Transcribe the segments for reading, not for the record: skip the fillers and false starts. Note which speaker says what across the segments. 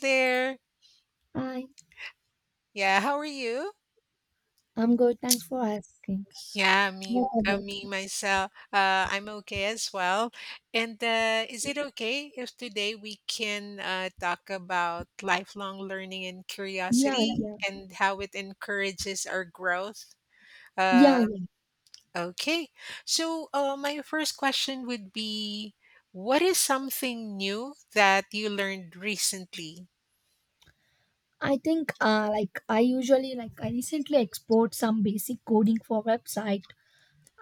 Speaker 1: There.
Speaker 2: Hi,
Speaker 1: Yeah, how are you?
Speaker 2: I'm good. Thanks for asking.
Speaker 1: Yeah, me,
Speaker 2: What about
Speaker 1: me
Speaker 2: you?
Speaker 1: myself. I'm okay as well. And is it okay if today we can talk about lifelong learning and
Speaker 2: Yeah,
Speaker 1: curiosity
Speaker 2: yeah,
Speaker 1: and how it encourages our growth?
Speaker 2: yeah,
Speaker 1: Uh,
Speaker 2: yeah.
Speaker 1: okay. So my first question would be, what is something new that you learned recently?
Speaker 2: I think like I usually like I recently export some basic coding for website,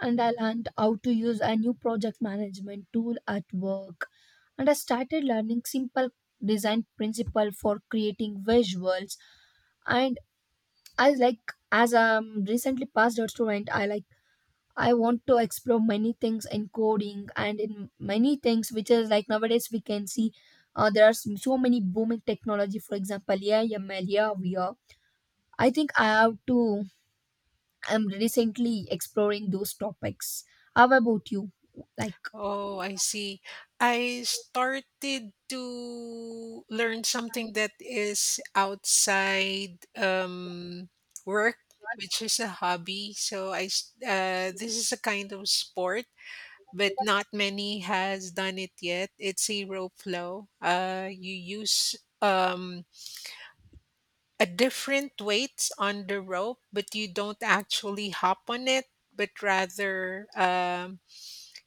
Speaker 2: and I learned how to use a new project management tool at work, and I started learning simple design principle for creating visuals, and I like as I'm recently passed out student, I want to explore many things in coding and in many things which is like nowadays we can see there are so many booming technology. For example, AI, ML, yeah, VR. I think I have to. I'm recently exploring those topics. How about you? Like,
Speaker 1: Oh, I see. I started to learn something that is outside work, which is a hobby. So this is a kind of sport, but not many has done it yet. It's a rope flow. You use um, a different weight on the rope, but you don't actually hop on it, but rather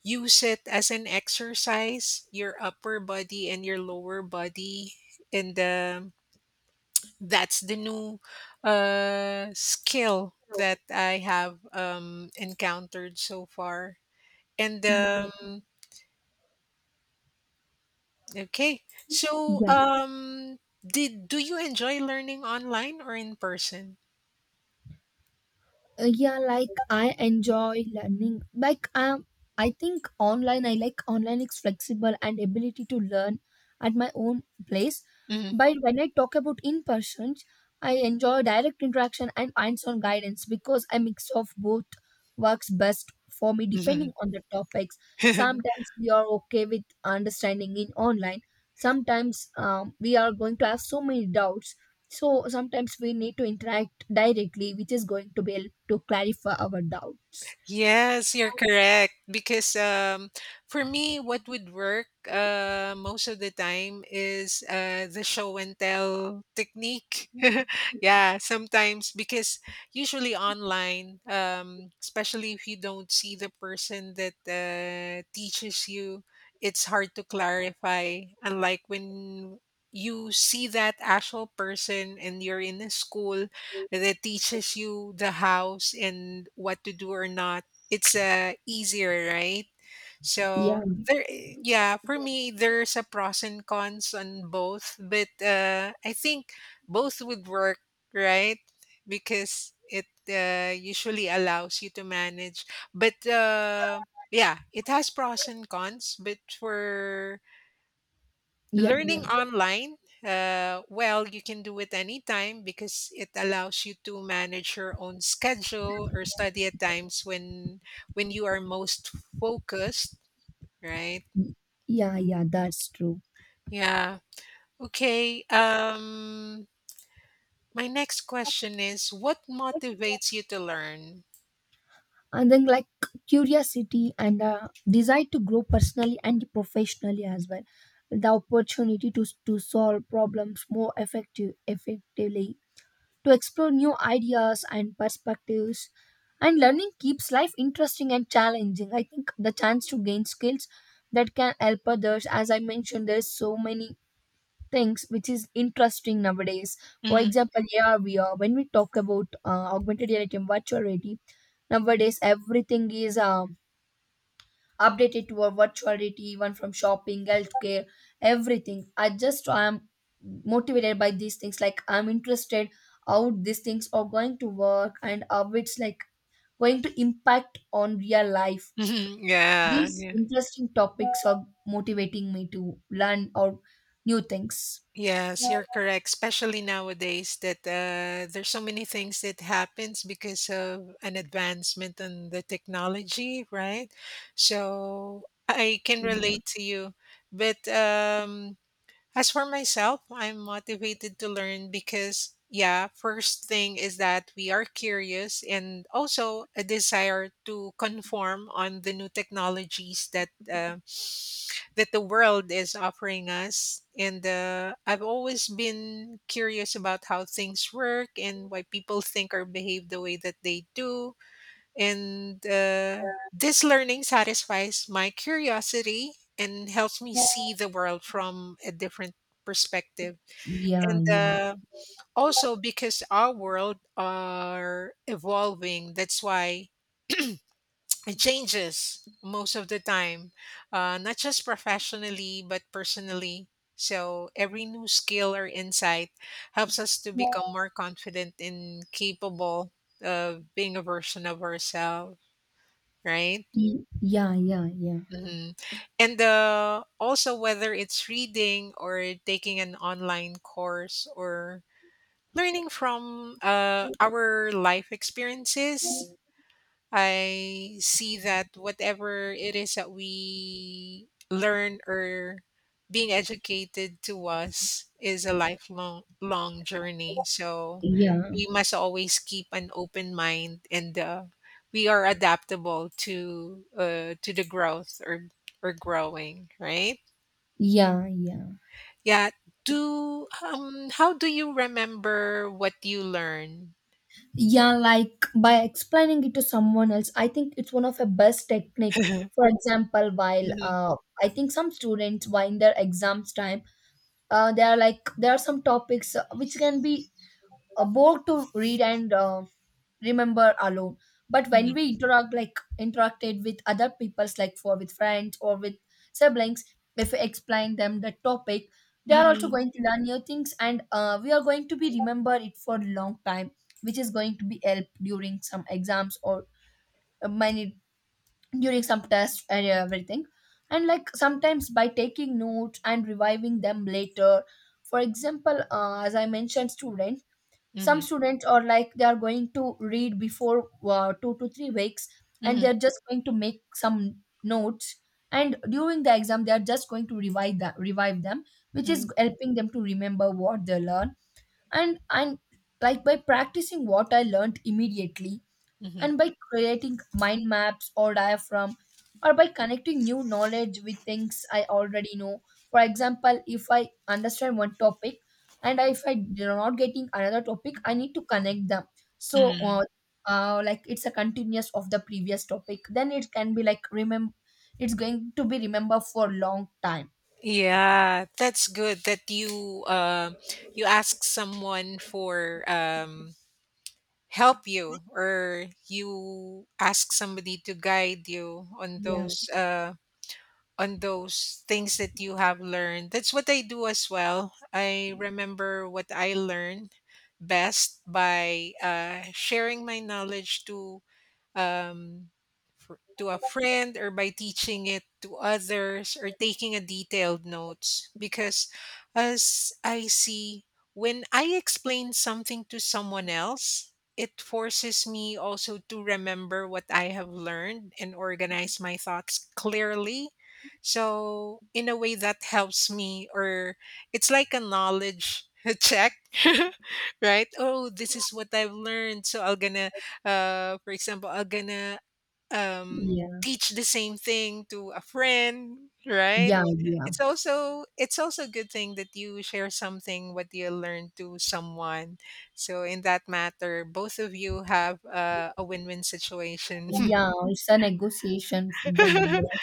Speaker 1: use it as an exercise, your upper body and your lower body, and that's the new, skill that I have, encountered so far. And, um okay. So,
Speaker 2: yeah,
Speaker 1: um, did do you enjoy learning online or in person?
Speaker 2: Yeah, like I enjoy learning. I think online I like online is flexible and ability to learn at my own place,
Speaker 1: Mhm.
Speaker 2: but when I talk about in person, I enjoy direct interaction and hands-on guidance because a mix of both works best for me depending on the topics. Sometimes we are okay with understanding in online, sometimes we are going to have so many doubts, so sometimes we need to interact directly, which is going to be help to clarify our doubts.
Speaker 1: Yes, you're correct. Because For me, what would work most of the time is the show and tell technique. yeah, sometimes because usually online, especially if you don't see the person that teaches you, it's hard to clarify. Unlike when you see that actual person and you're in a school that teaches you the house and what to do or not. It's easier, right? So
Speaker 2: Yeah,
Speaker 1: there, yeah, for me, there's a pros and cons on both, but I think both would work, right? Because it usually allows you to manage. But yeah, it has pros and cons, but for
Speaker 2: yeah, yeah,
Speaker 1: learning online, well, you can do it anytime because it allows you to manage your own schedule or study at times when you are most focused, right?
Speaker 2: yeah, yeah, that's true.
Speaker 1: Yeah. Okay. My next question is, what motivates you to learn?
Speaker 2: And then, like, curiosity and desire to grow personally and professionally as well, the opportunity to solve problems more effectively, to explore new ideas and perspectives, and learning keeps life interesting and challenging. I think the chance to gain skills that can help others, as I mentioned, there's so many things which is interesting nowadays. For
Speaker 1: Mhm.
Speaker 2: example, AR, VR, when we talk about augmented reality and virtual reality, nowadays everything is updated to a virtual reality, even from shopping, healthcare, everything. I am motivated by these things. Like, I'm interested how these things are going to work and how it's like going to impact on real life.
Speaker 1: Mhm.
Speaker 2: These
Speaker 1: Yeah.
Speaker 2: interesting topics are motivating me to learn or new things.
Speaker 1: Yes, you're correct, especially nowadays that there's so many things that happens because of an advancement in the technology, right? So I can relate to you. But as for myself, I'm motivated to learn because, yeah, first thing is that we are curious and also a desire to conform on the new technologies that the world is offering us. And I've always been curious about how things work and why people think or behave the way that they do. And this learning satisfies my curiosity and helps me
Speaker 2: Yeah.
Speaker 1: see the world from a different perspective.
Speaker 2: Yeah,
Speaker 1: And
Speaker 2: yeah.
Speaker 1: also because our world are evolving, that's why it changes most of the time, not just professionally, but personally. So every new skill or insight helps us to become more confident and capable of being a version of ourselves, right?
Speaker 2: Yeah, yeah, yeah.
Speaker 1: hmm And also, whether it's reading or taking an online course or learning from our life experiences, I see that whatever it is that we learn or being educated to us is a lifelong long journey. So
Speaker 2: Yeah,
Speaker 1: we must always keep an open mind and we are adaptable to the growth or growing, right?
Speaker 2: yeah, yeah.
Speaker 1: Yeah. Do How do you remember what you learn?
Speaker 2: Yeah, like by explaining it to someone else, I think it's one of the best technique. For example, while
Speaker 1: Mhm,
Speaker 2: I think some students, while in their exams time, they are like there are some topics which can be a bore to read and remember alone, but when
Speaker 1: mhm,
Speaker 2: we interacted with other people's like for with friends or with siblings, if we explain them the topic, they are also
Speaker 1: mhm,
Speaker 2: going to learn new things, and we are going to be remember it for a long time, which is going to be help during some exams or many during some tests and everything. And like, sometimes by taking notes and reviving them later. For example, as I mentioned, student, some
Speaker 1: mhm,
Speaker 2: students are like they are going to read before 2 to 3 weeks, and
Speaker 1: mhm,
Speaker 2: they're just going to make some notes, and during the exam they are just going to revive them, which is
Speaker 1: mhm,
Speaker 2: helping them to remember what they learn. And like, by practicing what I learned immediately,
Speaker 1: mhm,
Speaker 2: and by creating mind maps or diaphragm, or by connecting new knowledge with things I already know. For example, if I understand one topic, and if I do not getting another topic, I need to connect them. So
Speaker 1: mhm.
Speaker 2: like it's a continuous of the previous topic, then it can be like remember, it's going to be remember for long time.
Speaker 1: Yeah, that's good that you ask someone for help you or you ask somebody to guide you on
Speaker 2: Yeah,
Speaker 1: those on those things that you have learned. That's what I do as well. I remember what I learned best by sharing my knowledge to um, to a friend or by teaching it to others or taking a detailed notes because as I see when I explain something to someone else it forces me also to remember what I have learned and organize my thoughts clearly, so in a way that helps me or it's like a knowledge check. right, oh, this is what I've learned, so I'll gonna for example, I'm gonna um,
Speaker 2: yeah,
Speaker 1: teach the same thing to a friend, right?
Speaker 2: yeah, yeah,
Speaker 1: It's also a good thing that you share something what you learned to someone. So in that matter, both of you have a win-win situation.
Speaker 2: yeah, it's a negotiation with both.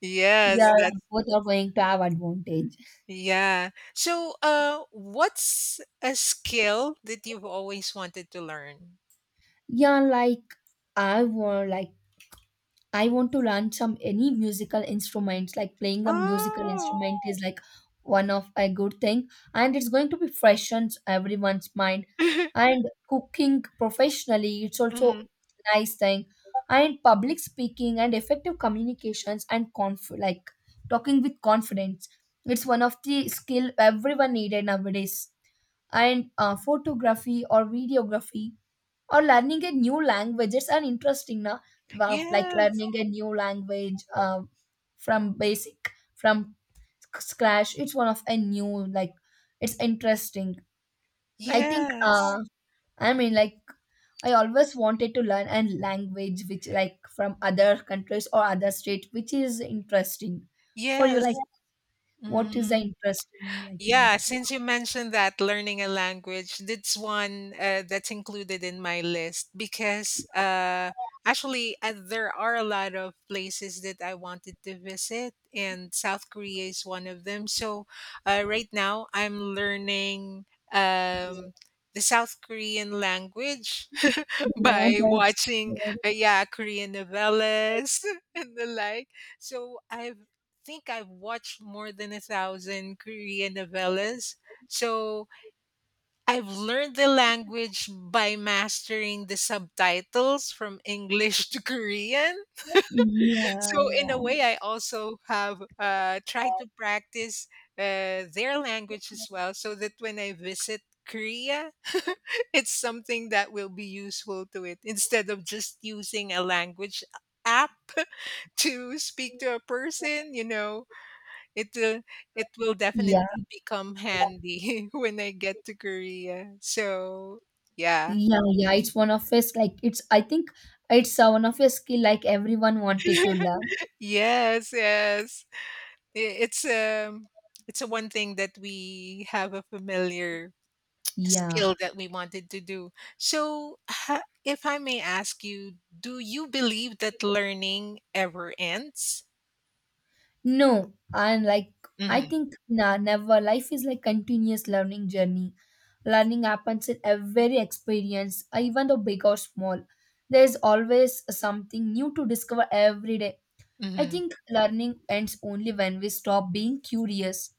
Speaker 1: yes,
Speaker 2: Yeah,
Speaker 1: that's
Speaker 2: both are going to have advantage.
Speaker 1: yeah. So, what's a skill that you've always wanted to learn?
Speaker 2: Yeah, like I want to learn some any musical instruments. Like playing a musical
Speaker 1: Oh.
Speaker 2: instrument is like one of a good thing, and it's going to be freshens everyone's mind. And cooking professionally, it's also
Speaker 1: Mhm.
Speaker 2: nice thing. And public speaking and effective communications and conf like talking with confidence. It's one of the skill everyone needed nowadays. And photography or videography or learning a new language, it's an interesting like
Speaker 1: Yes,
Speaker 2: learning a new language from basic from scratch, it's one of a new like it's interesting. I think
Speaker 1: yes.
Speaker 2: i mean like I always wanted to learn a language which like from other countries or other state, which is interesting for you. Like,
Speaker 1: Yes.
Speaker 2: what is the
Speaker 1: Mm.
Speaker 2: interesting like you want
Speaker 1: Yeah,
Speaker 2: to
Speaker 1: since
Speaker 2: talk.
Speaker 1: you mentioned that learning a language, that's one that's included in my list because actually there are a lot of places that I wanted to visit, and South Korea is one of them. So right now I'm learning um, the South Korean language
Speaker 2: Yeah,
Speaker 1: by
Speaker 2: that's
Speaker 1: watching, yeah, Korean novellas and the like. So I think I've watched more than a thousand Korean novellas. So I've learned the language by mastering the subtitles from English to Korean.
Speaker 2: yeah,
Speaker 1: So in a
Speaker 2: yeah,
Speaker 1: way, I also have tried to practice their language as well, so that when I visit Korea, it's something that will be useful to it instead of just using a language app to speak to a person. You know, it will it will definitely
Speaker 2: yeah.
Speaker 1: become handy when I get to Korea. So yeah,
Speaker 2: Yeah, yeah, it's one of his like, it's I think it's one of his skill like everyone wanted to learn.
Speaker 1: yes, yes. I- It's um it's a one thing that we have a familiar
Speaker 2: Yeah.
Speaker 1: skill that we wanted to do. So, if I may ask you, do you believe that learning ever ends?
Speaker 2: No, and like I
Speaker 1: Mhm,
Speaker 2: think nah, never. Life is like continuous learning journey. Learning happens in every experience, even though big or small. There's always something new to discover every day. I
Speaker 1: mhm,
Speaker 2: think learning ends only when we stop being curious.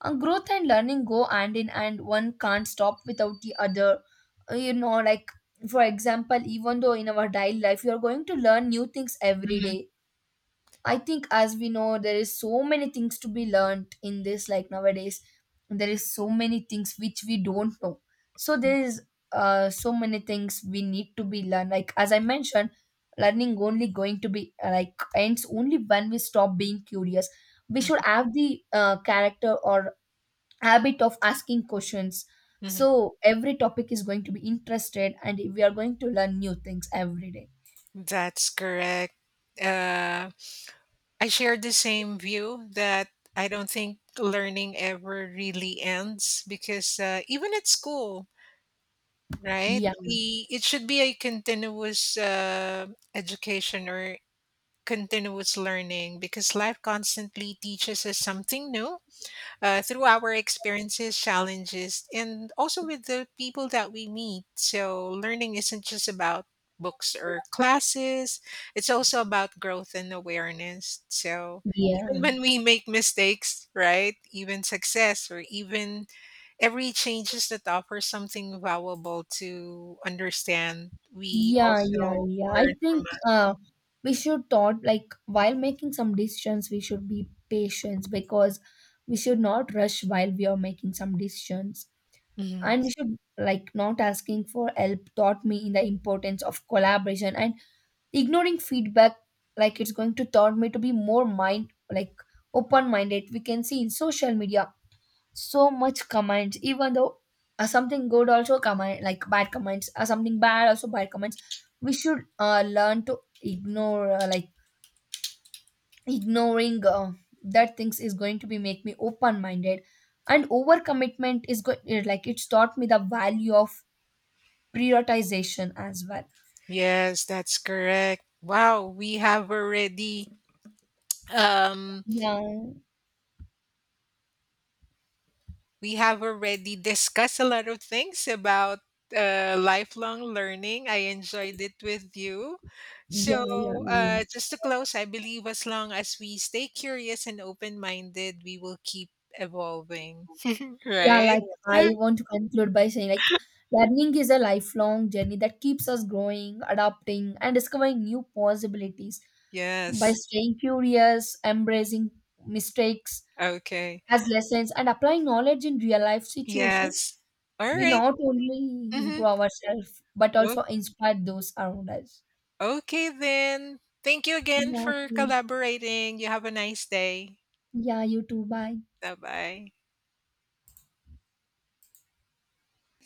Speaker 2: Growth and learning go hand in hand, one can't stop without the other. You know, like for example, even though in our daily life you are going to learn new things every
Speaker 1: mhm,
Speaker 2: day. I think as we know, there is so many things to be learned in this like nowadays, there is so many things which we don't know. So there is so many things we need to be learned. Like as I mentioned, learning only going to be like ends only when we stop being curious. We should
Speaker 1: mhm,
Speaker 2: have the character or habit of asking questions,
Speaker 1: mhm.
Speaker 2: so every topic is going to be interested and we are going to learn new things every day.
Speaker 1: That's correct. Uh, I share the same view that I don't think learning ever really ends because even at school, right?
Speaker 2: Yeah.
Speaker 1: We it should be a continuous education or continuous learning because life constantly teaches us something new through our experiences, challenges, and also with the people that we meet. So learning isn't just about books or classes; it's also about growth and awareness. So even
Speaker 2: Yeah.
Speaker 1: when we make mistakes, right? Even success or even every changes that offer something valuable to understand, we
Speaker 2: Yeah, yeah,
Speaker 1: also
Speaker 2: yeah, I
Speaker 1: learn from
Speaker 2: think
Speaker 1: it.
Speaker 2: we should thought like while making some decisions we should be patient, because we should not rush while we are making some decisions.
Speaker 1: Mhm.
Speaker 2: And we should like not asking for help taught me in the importance of collaboration, and ignoring feedback, like it's going to taunt me to be more mind like open minded. We can see in social media so much comments, even though something good also comment like bad comments or something bad also bad comments, we should learn to ignore, ignoring that things is going to be make me open minded. And overcommitment is good, like it's taught me the value of prioritization as well.
Speaker 1: Yes, that's correct. Wow, we have already um
Speaker 2: Yeah,
Speaker 1: discussed a lot of things about lifelong learning. I enjoyed it with you.
Speaker 2: yeah, yeah,
Speaker 1: So,
Speaker 2: yeah.
Speaker 1: just to close, I believe as long as we stay curious and open minded, we will keep evolving.
Speaker 2: Yeah,
Speaker 1: Right?
Speaker 2: like I want to conclude by saying like learning is a lifelong journey that keeps us growing, adapting, and discovering new possibilities by
Speaker 1: Yes.
Speaker 2: staying curious, embracing mistakes
Speaker 1: Okay.
Speaker 2: as lessons, and applying knowledge in real life situations.
Speaker 1: Yes.
Speaker 2: We
Speaker 1: Alright.
Speaker 2: not only
Speaker 1: Mhm.
Speaker 2: improve ourselves but
Speaker 1: O
Speaker 2: also inspire those around us.
Speaker 1: Okay then. Thank you again
Speaker 2: Yeah,
Speaker 1: for
Speaker 2: okay.
Speaker 1: collaborating. You have a nice day.
Speaker 2: Yeah, you too. Bye.
Speaker 1: Bye-bye.